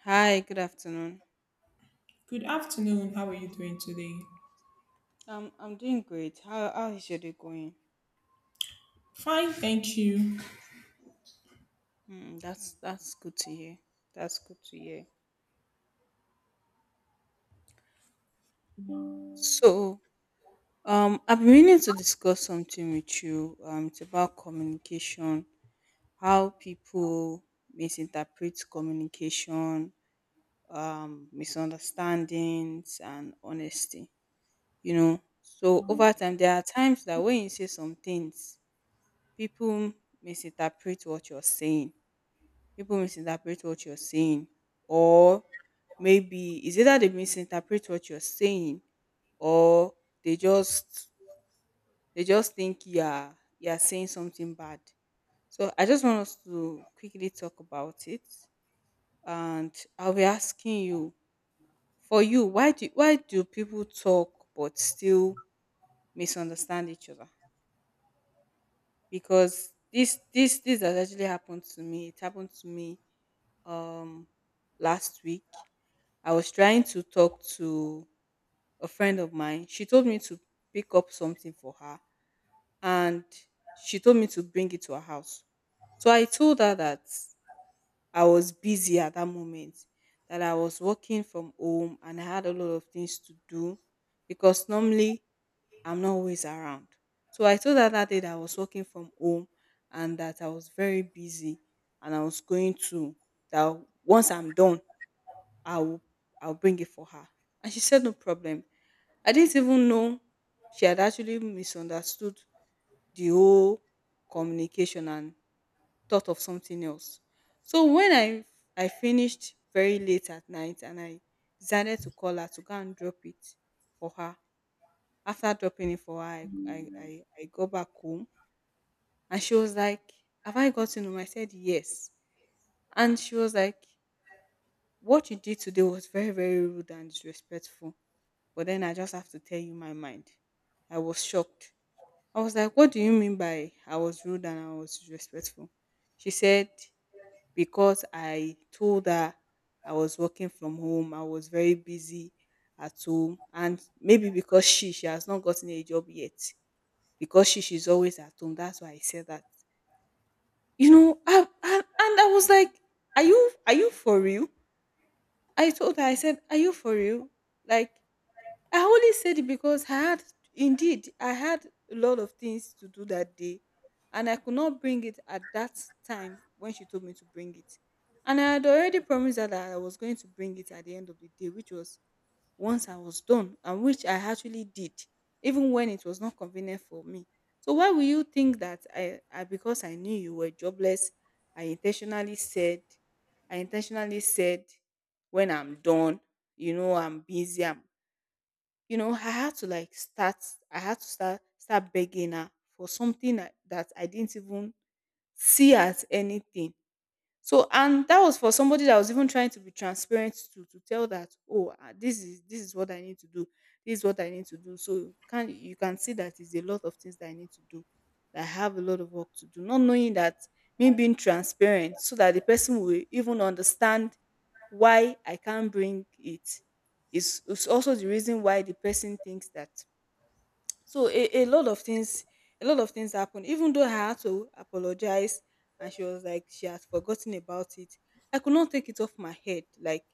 Hi, good afternoon. Good afternoon. How are you doing today? I'm doing great. How is your day going? Fine, thank you. That's good to hear. That's good to hear. So, I've been meaning to discuss something with you. It's about communication, how people misinterpret communication, misunderstandings, and honesty. You know, so over time, there are times that when you say some things, people misinterpret what you're saying. People misinterpret what you're saying, or maybe it's either they misinterpret what you're saying, or they just they just think you are saying something bad. So I just want us to quickly talk about it, and I'll be asking you, for you, why do people talk but still misunderstand each other? Because this has actually happened to me. It happened to me, um last week. I was trying to talk to a friend of mine. She told me to pick up something for her, and she told me to bring it to her house. So I told her that I was busy at that moment, that I was working from home and I had a lot of things to do, because normally I'm not always around. So I told her that day that I was working from home and that I was very busy, and I was going to, that once I'm done, I'll I'll bring it for her. And she said no problem. I didn't even know she had actually misunderstood the whole communication and thought of something else. So when I finished very late at night, and I decided to call her to go and drop it for her. After dropping it for her, I go back home, and she was like, "Have I gotten home?" I said yes. And she was like, "What you did today was very, very rude and disrespectful. But then I just have to tell you my mind." I was shocked. I was like, "What do you mean by I was rude and I was disrespectful?" She said, because I told her I was working from home, I was very busy at home, and maybe because she has not gotten a job yet. Because she's always at home. That's why I said that. You know, and I was like, Are you for real?" I told her, I said, "Are you for real?" Like, I only said it because I had, indeed, I had a lot of things to do that day. And I could not bring it at that time when she told me to bring it. And I had already promised her that I was going to bring it at the end of the day, which was once I was done, and which I actually did, even when it was not convenient for me. So why will you think that I because I knew you were jobless, I intentionally said, I intentionally said, when I'm done, you know, you know, I had to like start. I had to start begging her for something that I didn't even see as anything. So, and that was for somebody that was even trying to be transparent, to tell that, oh, ah, this is what I need to do, this is what I need to do. So can you, can see that it's a lot of things that I need to do, that I have a lot of work to do, not knowing that me being transparent, so that the person will even understand why I can't bring it, is also the reason why the person thinks that. So a lot of things happened. Even though I had to apologize, and she was like she had forgotten about it, I could not take it off my head. Like,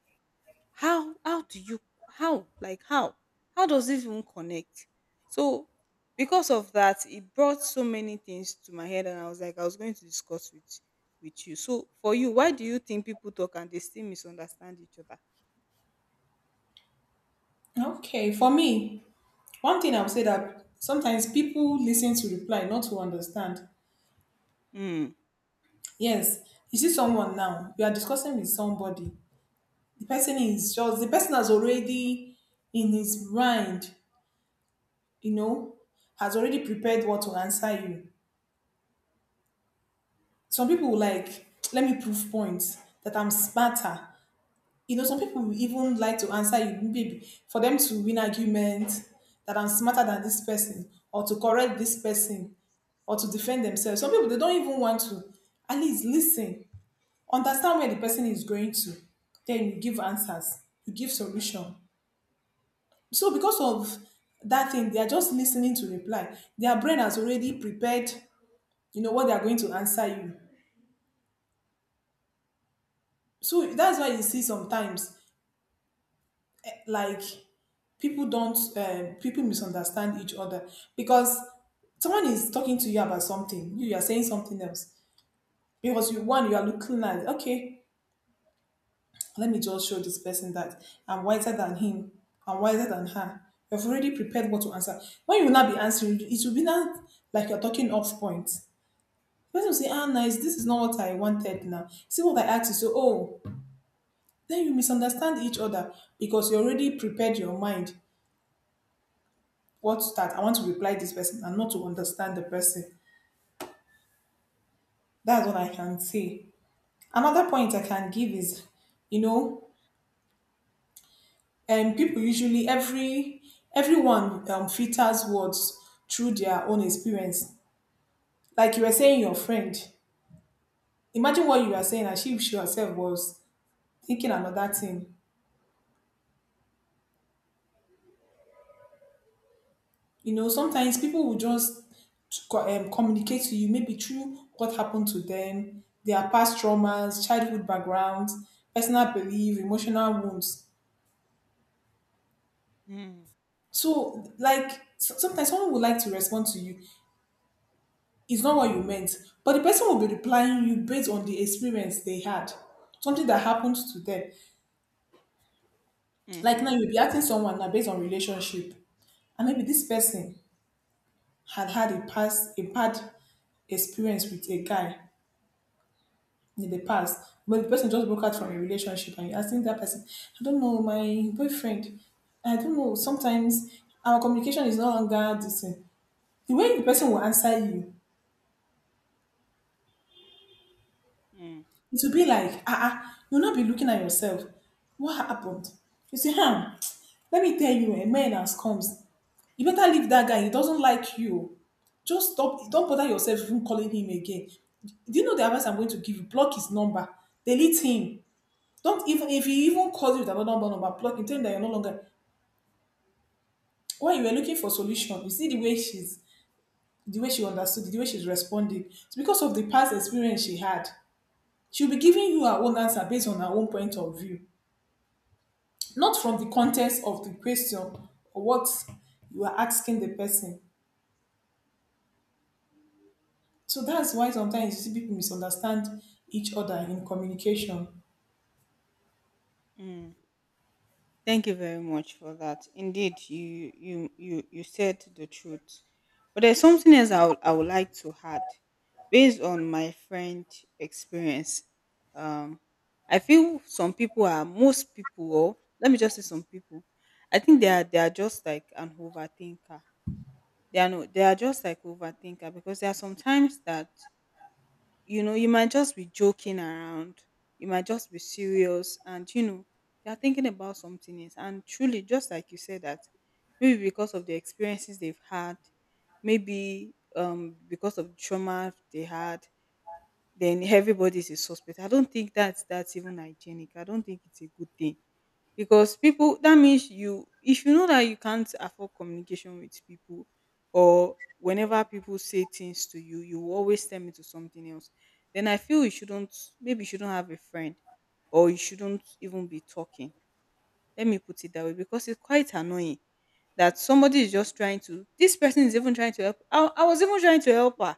how do you how like how does it even connect? So because of that, it brought so many things to my head, and I was like I was going to discuss with you. So for you, why do you think people talk and they still misunderstand each other? Okay, for me, one thing I would say that sometimes people listen to reply, not to understand. Mm, Yes, you see someone now, you are discussing with somebody. The person has already in his mind, you know, has already prepared what to answer you. Some people will like, let me prove points that I'm smarter. You know, some people will even like to answer you, maybe for them to win argument, that I'm smarter than this person, or to correct this person, or to defend themselves. Some people they don't even want to. At least listen, understand where the person is going to, then you give answers, you give solution. So because of that thing, they are just listening to reply. Their brain has already prepared, you know, what they are going to answer you. So that's why you see sometimes, like people don't people misunderstand each other because someone is talking to you about something, you are saying something else because you one you are looking at, okay, let me just show this person that I'm wiser than him, I'm wiser than her. You've already prepared what to answer. When you will not be answering, it will be not like you're talking off point. The person will say, ah, nice, this is not what I wanted. Now see what I asked you. So, oh, then you misunderstand each other because you already prepared your mind what to start. I want to reply this person and not to understand the person. That's what I can say. Another point I can give is, you know, people usually, everyone filters words through their own experience. Like you were saying, your friend. Imagine what you were saying, and she herself was thinking another thing. You know, sometimes people will just communicate to you maybe through what happened to them, their past traumas, childhood backgrounds, personal belief, emotional wounds. mm, So, like, sometimes someone would like to respond to you. It's not what you meant. But the person will be replying you based on the experience they had, something that happened to them. Like now, mm, you'll be asking someone now based on relationship. And maybe this person had had a past, a bad experience with a guy in the past. But the person just broke out from a relationship and you're asking that person, I don't know, my boyfriend, I don't know, sometimes our communication is no longer the same. The way the person will answer you, mm, it will be like, ah, ah, you'll not be looking at yourself. What happened? You say, huh, let me tell you, a man has comes. You better leave that guy. He doesn't like you. Just stop. Don't bother yourself even calling him again. Do you know the advice I'm going to give you? Block his number. Delete him. Don't even, If he even calls you with another number, block him. Tell him that you're no longer, when you were looking for solution, you see the way she's, the way she understood, the way she's responding. It's because of the past experience she had. She'll be giving you her own answer based on her own point of view, not from the contents of the question or what you are asking the person. So that's why sometimes you see people misunderstand each other in communication. mm. Thank you very much for that. Indeed, you said the truth. But there's something else I would like to add. Based on my friend experience, um, I feel some people are most people, or let me just say some people. I think they are just like an overthinker. They are no, they are just like overthinker, because there are sometimes that you know, you might just be joking around, you might just be serious, and you know, they are thinking about something else. And truly, just like you said, that maybe because of the experiences they've had, maybe because of trauma they had, then everybody's a suspect. I don't think that's even hygienic. I don't think it's a good thing, because people, that means you, if you know that you can't afford communication with people, or whenever people say things to you, you always turn into something else, then I feel you shouldn't, maybe you shouldn't have a friend, or you shouldn't even be talking. Let me put it that way, because it's quite annoying that somebody is just trying to, this person is even trying to help. I was even trying to help her.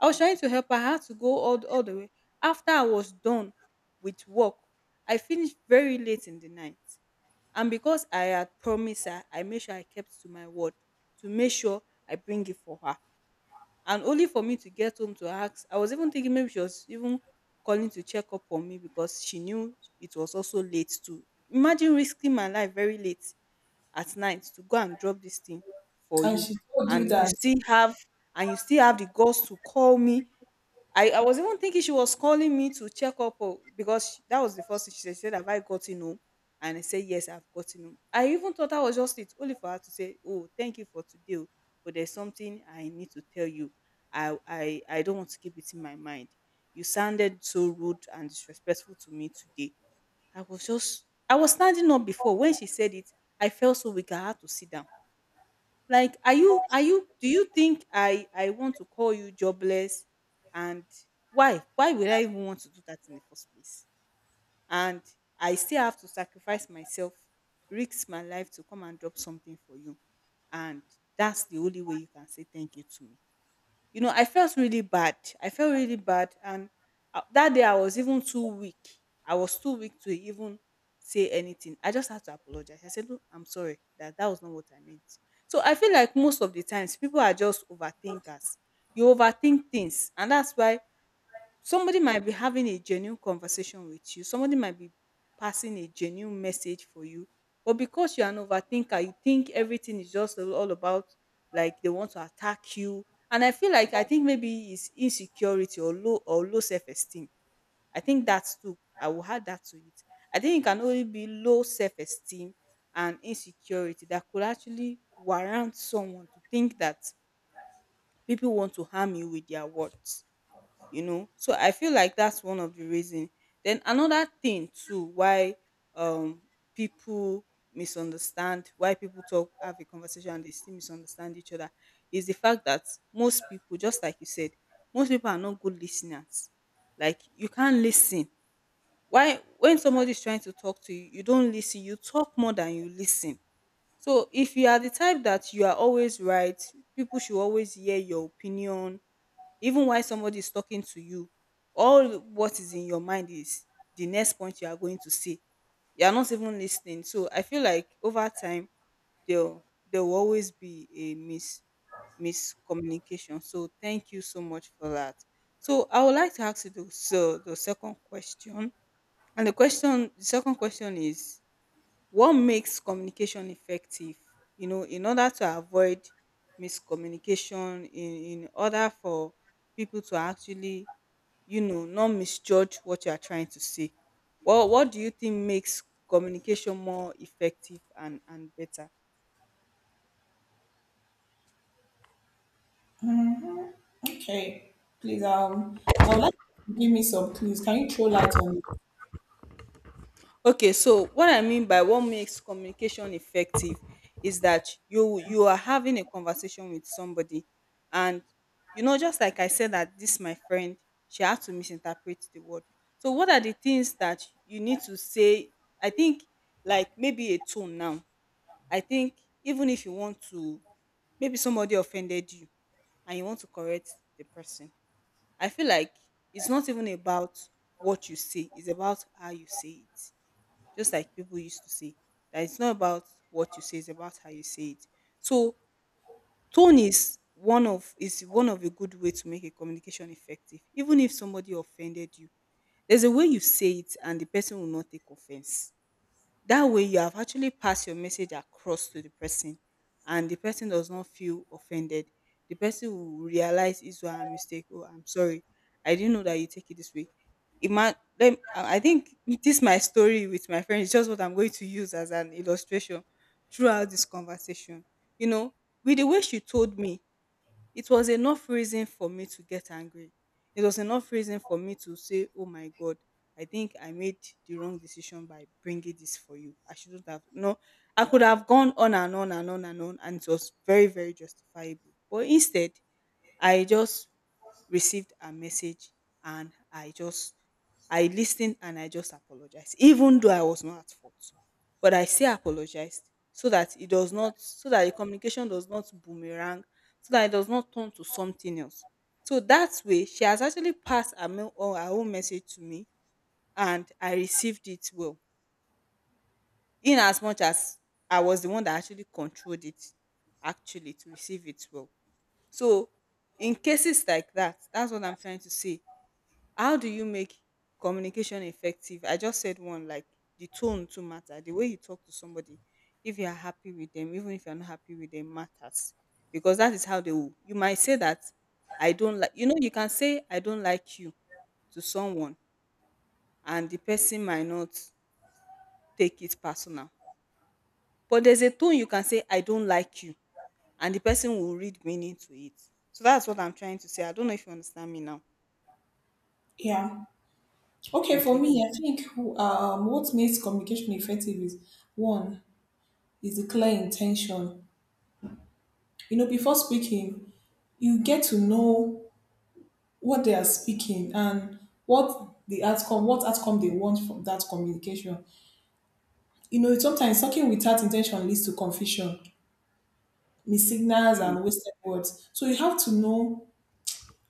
I was trying to help her. I had to go all, all the way. After I was done with work, I finished very late in the night. And because I had promised her, I made sure I kept to my word, to make sure I bring it for her. And only for me to get home to ask, I was even thinking maybe she was even calling to check up on me, because she knew it was also late too. Imagine risking my life very late at night to go and drop this thing for And you, she told you and you that. still have and you still have the guts to call me. I was even thinking she was calling me to check up, oh, because she- that was the first thing she said. She said, "Have I gotten home?" And I said, "Yes, I've gotten home." I even thought that was just it, only for her to say, "Oh, thank you for today. Oh, but there's something I need to tell you. I don't want to keep it in my mind. You sounded so rude and disrespectful to me today." I was standing up before. When she said it, I felt so weak. I had to sit down. Like, are you do you think I want to call you jobless? And why? Why would I even want to do that in the first place? And I still have to sacrifice myself, risk my life to come and drop something for you. And that's the only way you can say thank you to me. You know, I felt really bad. I felt really bad. And that day I was even too weak. I was too weak to even say anything. I just had to apologize. I said, "Look, I'm sorry, that that was not what I meant." So I feel like most of the times, people are just overthinkers. You overthink things. And that's why somebody might be having a genuine conversation with you, somebody might be passing a genuine message for you, but because you're an overthinker, you think everything is just all about like they want to attack you. And I feel like, I think maybe it's insecurity or low self-esteem. I think that's too, I will add that to it. I think it can only be low self-esteem and insecurity that could actually warrant someone to think that people want to harm you with their words. You know, so I feel like that's one of the reason. Then another thing too, why um people misunderstand, why people talk, have a conversation, and they still misunderstand each other, is the fact that most people, just like you said, most people are not good listeners. Like, you can't listen. Why, when somebody is trying to talk to you, you don't listen, you talk more than you listen. So if you are the type that you are always right, people should always hear your opinion, even while somebody is talking to you, all what is in your mind is the next point you are going to say. You are not even listening. So I feel like over time, there there will always be a miscommunication. So thank you so much for that. So I would like to ask you the second question. And the second question is, what makes communication effective? You know, in order to avoid miscommunication, in order for people to actually, not misjudge what you are trying to say. Well, what do you think makes communication more effective and better? Okay, please, I would like you to give me some clues. Can you throw light on it? Okay, so what I mean by what makes communication effective is that you are having a conversation with somebody, and you know, just like I said, that this my friend, she had to misinterpret the word. So what are the things that you need to say? I think like maybe a tone now. I think, even if you want to, maybe somebody offended you and you want to correct the person. I feel like it's not even about what you say, it's about how you say it, just like people used to say that it's not about what you say, it's about how you say it. So tone is one of a good way to make a communication effective. Even if somebody offended you, there's a way you say it and the person will not take offense. That way you have actually passed your message across to the person and the person does not feel offended. The person will realize it's a mistake. Oh, I'm sorry. I didn't know that you take it this way. It might, I think this my story with my friend, it's just what I'm going to use as an illustration throughout this conversation. You know, with the way she told me, it was enough reason for me to get angry. It was enough reason for me to say, "Oh my God, I think I made the wrong decision by bringing this for you. I shouldn't have." No, I could have gone on and on and on and on, and it was very, very justifiable. But instead, I just received a message, and I listened, and I just apologized even though I was not at fault, but I still apologized so that it does not, so that the communication does not boomerang, so that it does not turn to something else. So that way she has actually passed her, mail, or her own message to me, and I received it well, in as much as I was the one that actually controlled it actually to receive it well. So in cases like that, that's what I'm trying to say. How do you make communication effective? I just said one, like the tone to matter, the way you talk to somebody, if you are happy with them, even if you're not happy with them, matters. Because that is how they will, you might say that I don't like, you know, you can say I don't like you to someone and the person might not take it personal. But there's a tone you can say, I don't like you, and the person will read meaning to it. So that's what I'm trying to say. I don't know if you understand me now. Yeah. Okay, for Okay. me, I think what makes communication effective is, one, is the clear intention. You know, before speaking, you get to know what they are speaking and what the outcome what outcome they want from that communication. You know, sometimes talking without intention leads to confusion, missignals Mm, and wasted words. So you have to know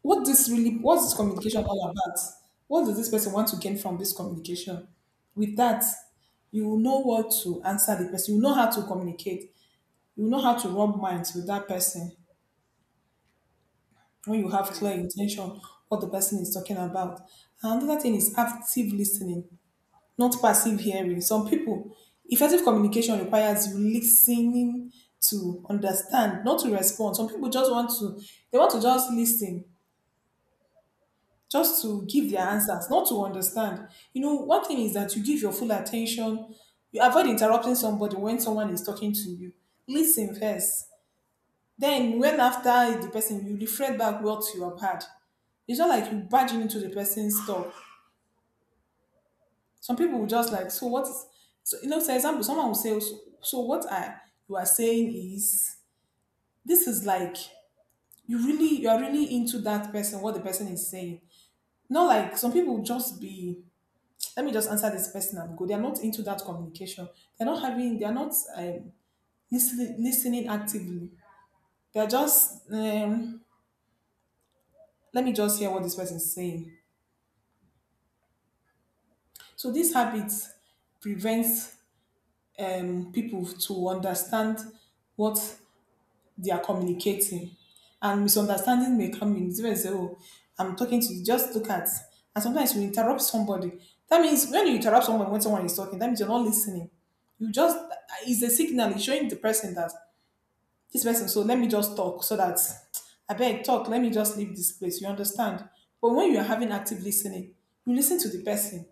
what this really, what is communication all about, what does this person want to gain from this communication. With that, you will know what to answer the person, you know how to communicate, you know how to rub minds with that person, when you have clear mm, intention what the person is talking about. And another thing is active listening, not passive hearing. Some people, effective communication requires you listening to understand, not to respond. Some people just want to, they want to just listen, just to give their mm, answers, not to understand. You know, one thing is that you give your full attention, you avoid interrupting somebody when someone is talking to you. Listen first. Then, when after the person, you reflect back what you have had. It's not like you barging into the person's talk. Some people will mm, just like, so what is, so, you know, for example, someone will say, so, what I, you are saying is, this is like, you really, you are really into that person, what the person is saying. Not like some people will just be, let me just answer this person and go. They are not into that communication. They're not, listening, listening actively. They're just, let me just hear what this person is saying. So these habits prevents, people to understand what they are communicating. And misunderstanding may come in. Somebody say, oh, I'm talking to you. Just look at. And sometimes you interrupt somebody. That means when you interrupt someone when someone is talking, that means you're not listening. You just, it's a signal. It's showing the person that this person, so let me just talk so that I beg, talk. Let me just leave this place. You understand? But when you are having active listening, you listen to the person.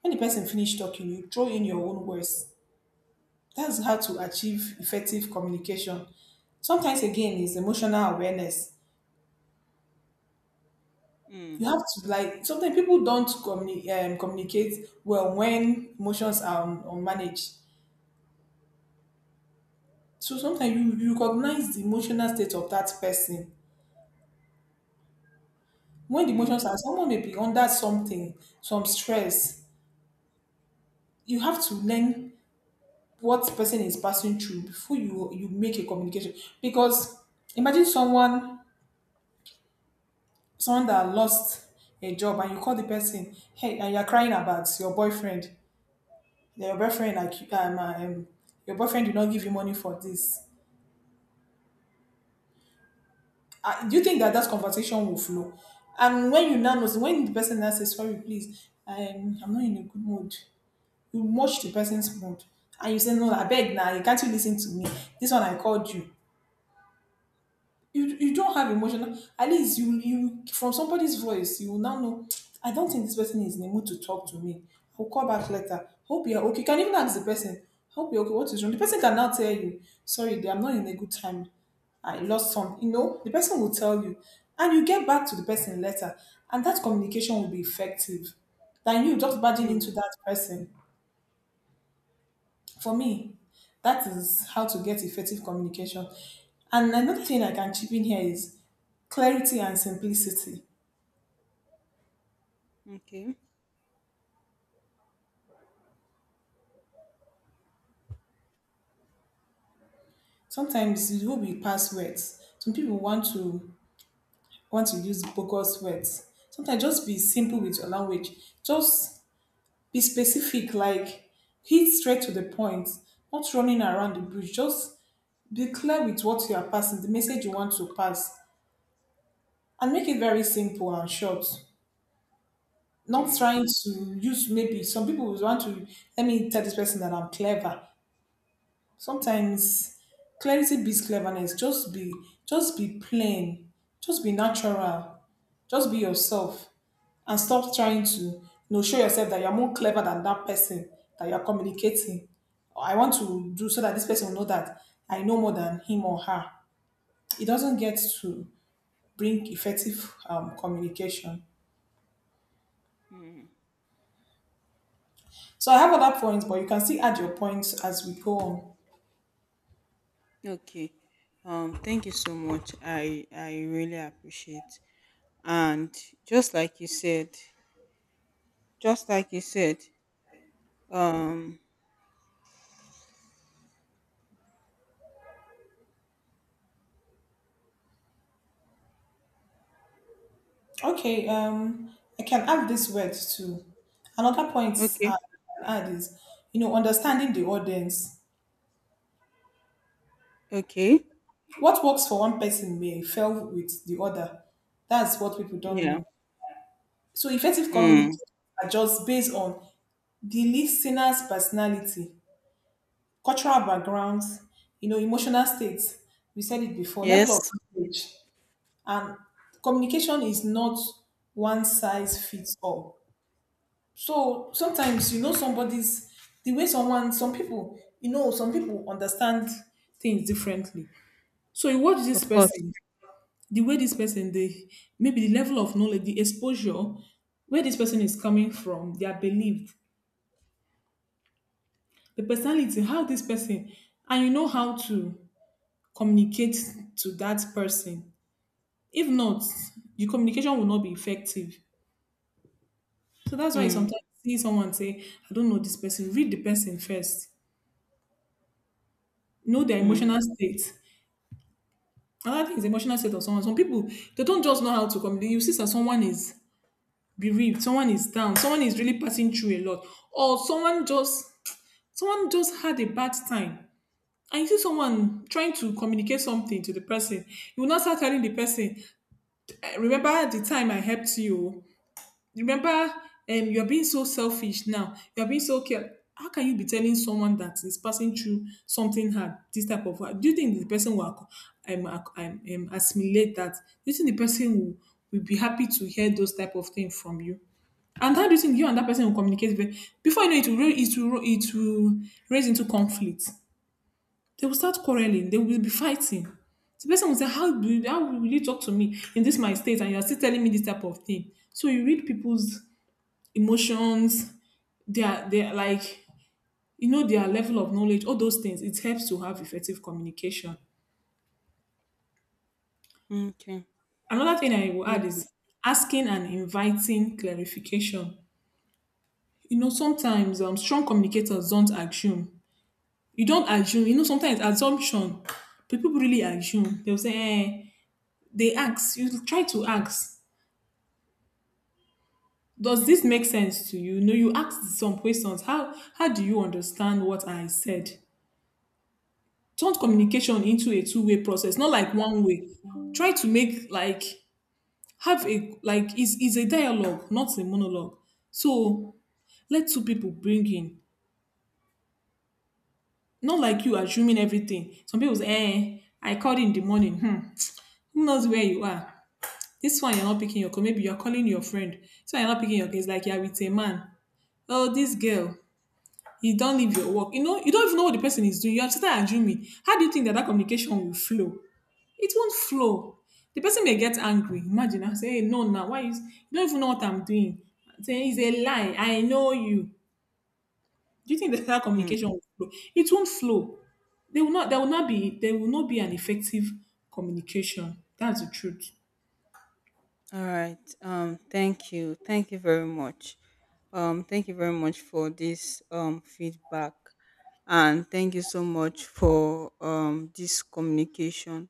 When the person finish talking, you throw in your own words. That's how to achieve effective communication. Sometimes again is emotional awareness. mm, You have to, like, sometimes people don't communicate well when emotions are unmanaged. So sometimes you recognize the emotional state of that person. When the mm, emotions are, someone may be under something, some stress, you have to learn what person is passing through before you make a communication. Because imagine someone that lost a job, and you call the person, hey, and you're crying about your boyfriend. Your boyfriend, like, your boyfriend did not give you money for this. Do you think that that conversation will flow? And when you now notice, when the person now says, sorry, please, I'm not in a good mood, you watch the person's mood and you say, no, I beg now, you can't, you listen to me? This one I called you. You don't have emotional, at least you, from somebody's voice, you will now know, I don't think this person is in the mood to talk to me. I'll call back later. Hope you're okay. You can even ask the person, hope you're okay, what is wrong. The person can now tell you, sorry dear, I'm not in a good time. I lost some, you know, the person will tell you, and you get back to the person later, and that communication will be effective than you just barging mm. into that person. For me, that is how to get effective communication. And another thing I can chip in here is clarity and simplicity. Okay. Sometimes it will be passwords. Some people want to use bogus words. Sometimes just be simple with your language. Just be specific, like hit straight to the point, not running around the bush. Just be clear with what you are passing, the message you want to pass, and make it very simple and short. Not Mm. trying to use, maybe some people would want to, let me tell this person that I'm clever. Sometimes clarity beats cleverness. Just be plain. Just be natural. Just be yourself. And stop trying to, you know, show yourself that you're more clever than that person that you're communicating. I want to do, so that this person will know that I know more than him or her. It doesn't get to bring effective, communication. So I have other points, but you can still add your points as we go on. Okay. Thank you so much. I really appreciate. And just like you said, just like you said, um, Okay, I can add this word too. Another point okay, I can add is, you know, understanding the audience. okay, What works for one person may fail with the other. That's what people don't yeah, know. So effective mm, communication are just based on the listener's personality, cultural backgrounds, you know, emotional states. We said it before, level of yes, knowledge. And communication is not one size fits all. So sometimes, you know, somebody's, the way someone, some people, you know, some people understand things differently. So you watch this of course. person, the way this person, they, maybe the level of knowledge, the exposure, where this person is coming from, their belief, the personality, how this person, and you know how to communicate to that person. If not, your communication will not be effective. So that's why you Mm, sometimes see someone say, I don't know this person. Read the person first. Know their mm, emotional state. Another thing is emotional state of someone. Some people, they don't just know how to communicate. You see that someone is bereaved, someone is down, someone is really passing through a lot, or someone just had a bad time. And you see someone trying to communicate something to the person, you will not start telling the person, "I remember the time I helped you. Remember, you're being so selfish now. You're being so care. How can you be telling someone that is passing through something hard, this type of? Do you think the person will assimilate that? Do you think the person will be happy to hear those type of things from you? And how do you think you and that person will communicate? Before you know it, it will raise into conflict. They will start quarreling. They will be fighting. The person will say, "How do you, how will you talk to me in this my state? And you are still telling me this type of thing." So you read people's emotions, their like, you know, their level of knowledge, all those things. It helps to have effective communication. okay. Another thing I will add is asking and inviting clarification. You know, sometimes strong communicators don't assume. You don't assume. You know, sometimes assumption. People really assume. They'll say, eh, they ask. You try to ask. Does this make sense to you? No, you ask some questions. How do you understand what I said? Turn communication into a two-way process, not like one way. Try to make like, have a like, is a dialogue, not a monologue. So let two people bring in, not like you assuming everything. Some people say, eh, I called in the morning. Hmm, who knows where you are? This one, you're not picking your call. Maybe you're calling your friend, so you're not picking your call. It's like you're with a man. Oh, this girl, you don't leave your work. You know, you don't even know what the person is doing. You're still assuming. How do you think that communication will flow? It won't flow. The person may get angry. Imagine I say, hey, no, now why is, you don't even know what I'm doing? Say it's a lie. I know you. Do you think that communication Mm. will flow? It won't flow. They will not. There will not be. There will not be an effective communication. That's the truth. All right. Thank you. Thank you very much. Thank you very much for this feedback. And thank you so much for this communication,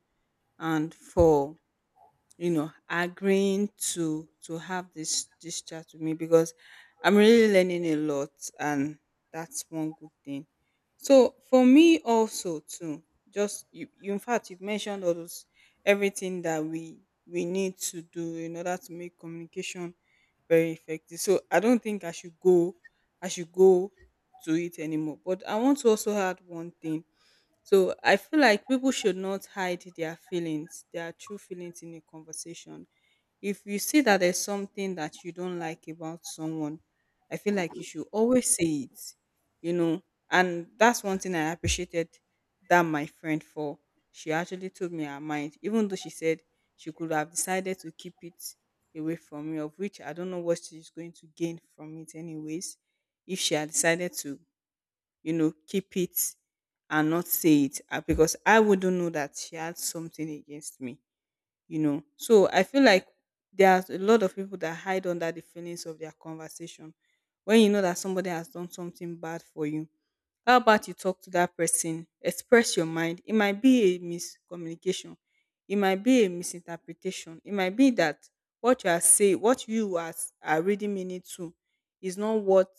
and for, you know, agreeing to have this this chat with me, because I'm really learning a lot, and that's one good thing. So for me also too, just you, in fact you've mentioned all those, everything that we need to do in order to make communication very effective, so I don't think I should go to it anymore, but I want to also add one thing. So I feel like people should not hide their feelings, their true feelings in a conversation. If you see that there's something that you don't like about someone, I feel like you should always say it, you know. And that's one thing I appreciated that my friend for. She actually told me her mind, even though she said she could have decided to keep it away from me, of which I don't know what she's going to gain from it, anyways, if she had decided to, keep it and not say it, because I wouldn't know that she had something against me. So I feel like there are a lot of people that hide under the feelings of their conversation. When you know that somebody has done something bad for you, how about you talk to that person? Express your mind. It might be a miscommunication. It might be a misinterpretation. It might be that what you are saying, what you are really meaning to, is not what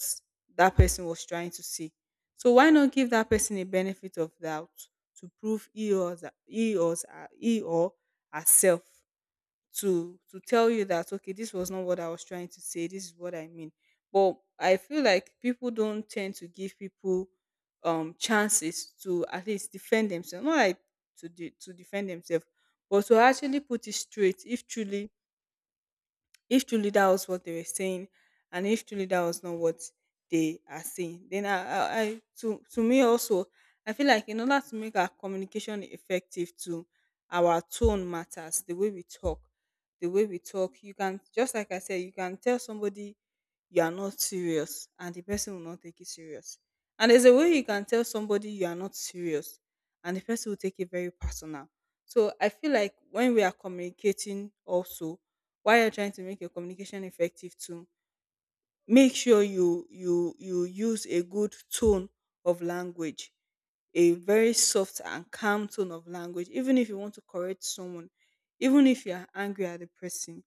that person was trying to say. So why not give that person a benefit of doubt to prove he or, the- he or herself, to tell you that, okay, this was not what I was trying to say, this is what I mean. But I feel like people don't tend to give people chances to at least defend themselves, not like to defend themselves, but to actually put it straight if truly, if truly that was what they were saying, and if truly that was not what they are saying. Then I to me also, I feel like in order to make our communication effective too, our tone matters, the way we talk you can, just like I said, you can tell somebody you are not serious and the person will not take it serious, and there's a way you can tell somebody you are not serious and the person will take it very personal. So I feel like when we are communicating also, while you're trying to make your communication effective too, make sure you use a good tone of language, a very soft and calm tone of language, even if you want to correct someone, even if you are angry at the person,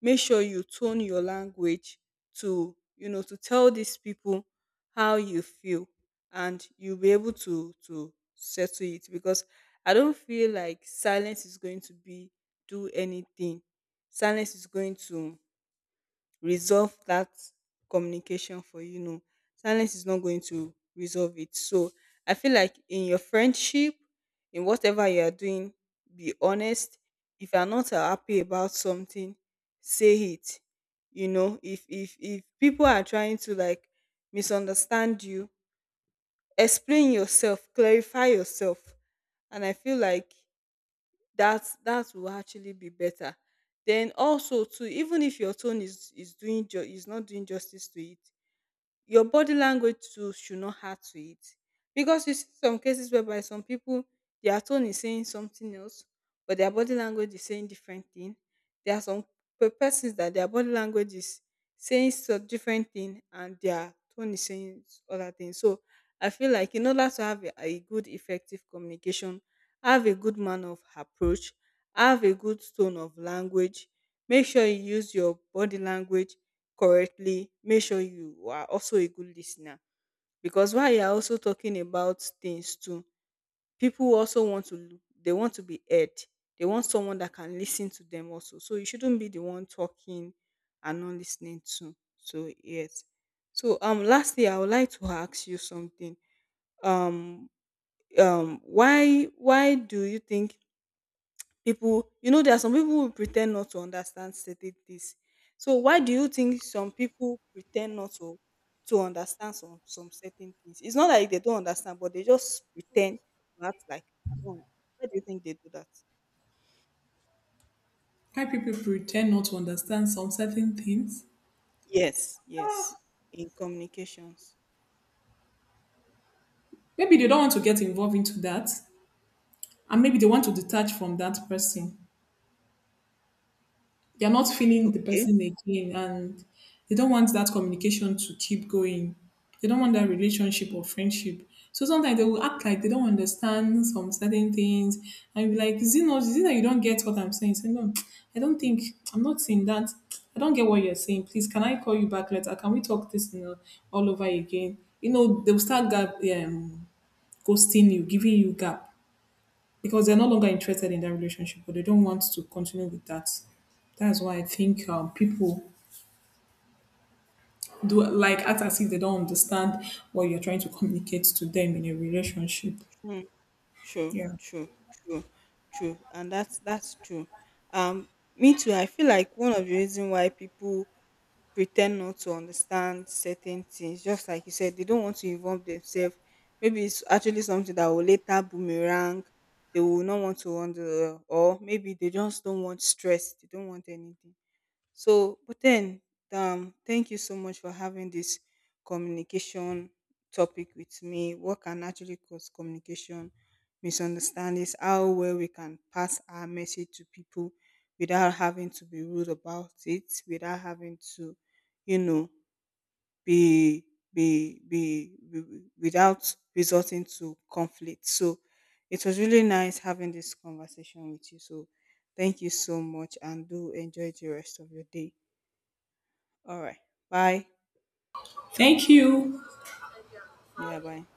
make sure you tone your language to, to tell these people how you feel, and you'll be able to settle it. Because I don't feel like silence is going to be do anything. Silence is going to resolve that communication for you? No, silence is not going to resolve it. So I feel like in your friendship, in whatever you are doing, be honest. If you are not happy about something, say it. If if people are trying to like misunderstand you, explain yourself, clarify yourself, and I feel like that will actually be better. Then also too, even if your tone is is not doing justice to it, your body language too should not add to it, because you see some cases whereby some people, their tone is saying something else, but their body language is saying different thing. There are some persons that their body language is saying some different thing and their tone is saying other thing. So I feel like in order to have a good effective communication, have a good manner of approach, have a good tone of language, make sure you use your body language correctly, make sure you are also a good listener. Because while you are also talking about things too, people also want to they want to be heard. They want someone that can listen to them also. So you shouldn't be the one talking and not listening to. So yes. So lastly, I would like to ask you something. Um why do you think people, you know, there are some people who pretend not to understand certain things. So why do you think some people pretend not to understand some certain things? It's not like they don't understand, but they just pretend to act like they don't. Why do you think they do that? Why people pretend not to understand some certain things? Yes, yes. In communications. Maybe they don't want to get involved into that, and maybe they want to detach from that person. They're not feeling the Okay. person again, and they don't want that communication to keep going. They don't want that relationship or friendship. So sometimes they will act like they don't understand some certain things and be like, is it not, is it that you don't get what I'm saying? Say, no, I don't think, I'm not saying that. I don't get what you're saying. Please, can I call you back later? Can we talk this, you know, all over again? You know, they'll start ghosting you, giving you gap, because they're no longer interested in that relationship, or they don't want to continue with that. That's why I think people do like act as if they don't understand what you're trying to communicate to them in a relationship. True, Yeah. true, true, true, and that's true. Um, me too. I feel like one of the reason why people pretend not to understand certain things, just like you said, they don't want to involve themselves. Maybe it's actually something that will later boomerang. They will not want to wonder, or maybe they just don't want stress. They don't want anything. So, but then, thank you so much for having this communication topic with me. What can actually cause communication misunderstandings? How well we can pass our message to people without having to be rude about it, without having to, you know, be be without resorting to conflict. So, it was really nice having this conversation with you. So, thank you so much, and do enjoy the rest of your day. All right. Bye. Thank you. Yeah, bye.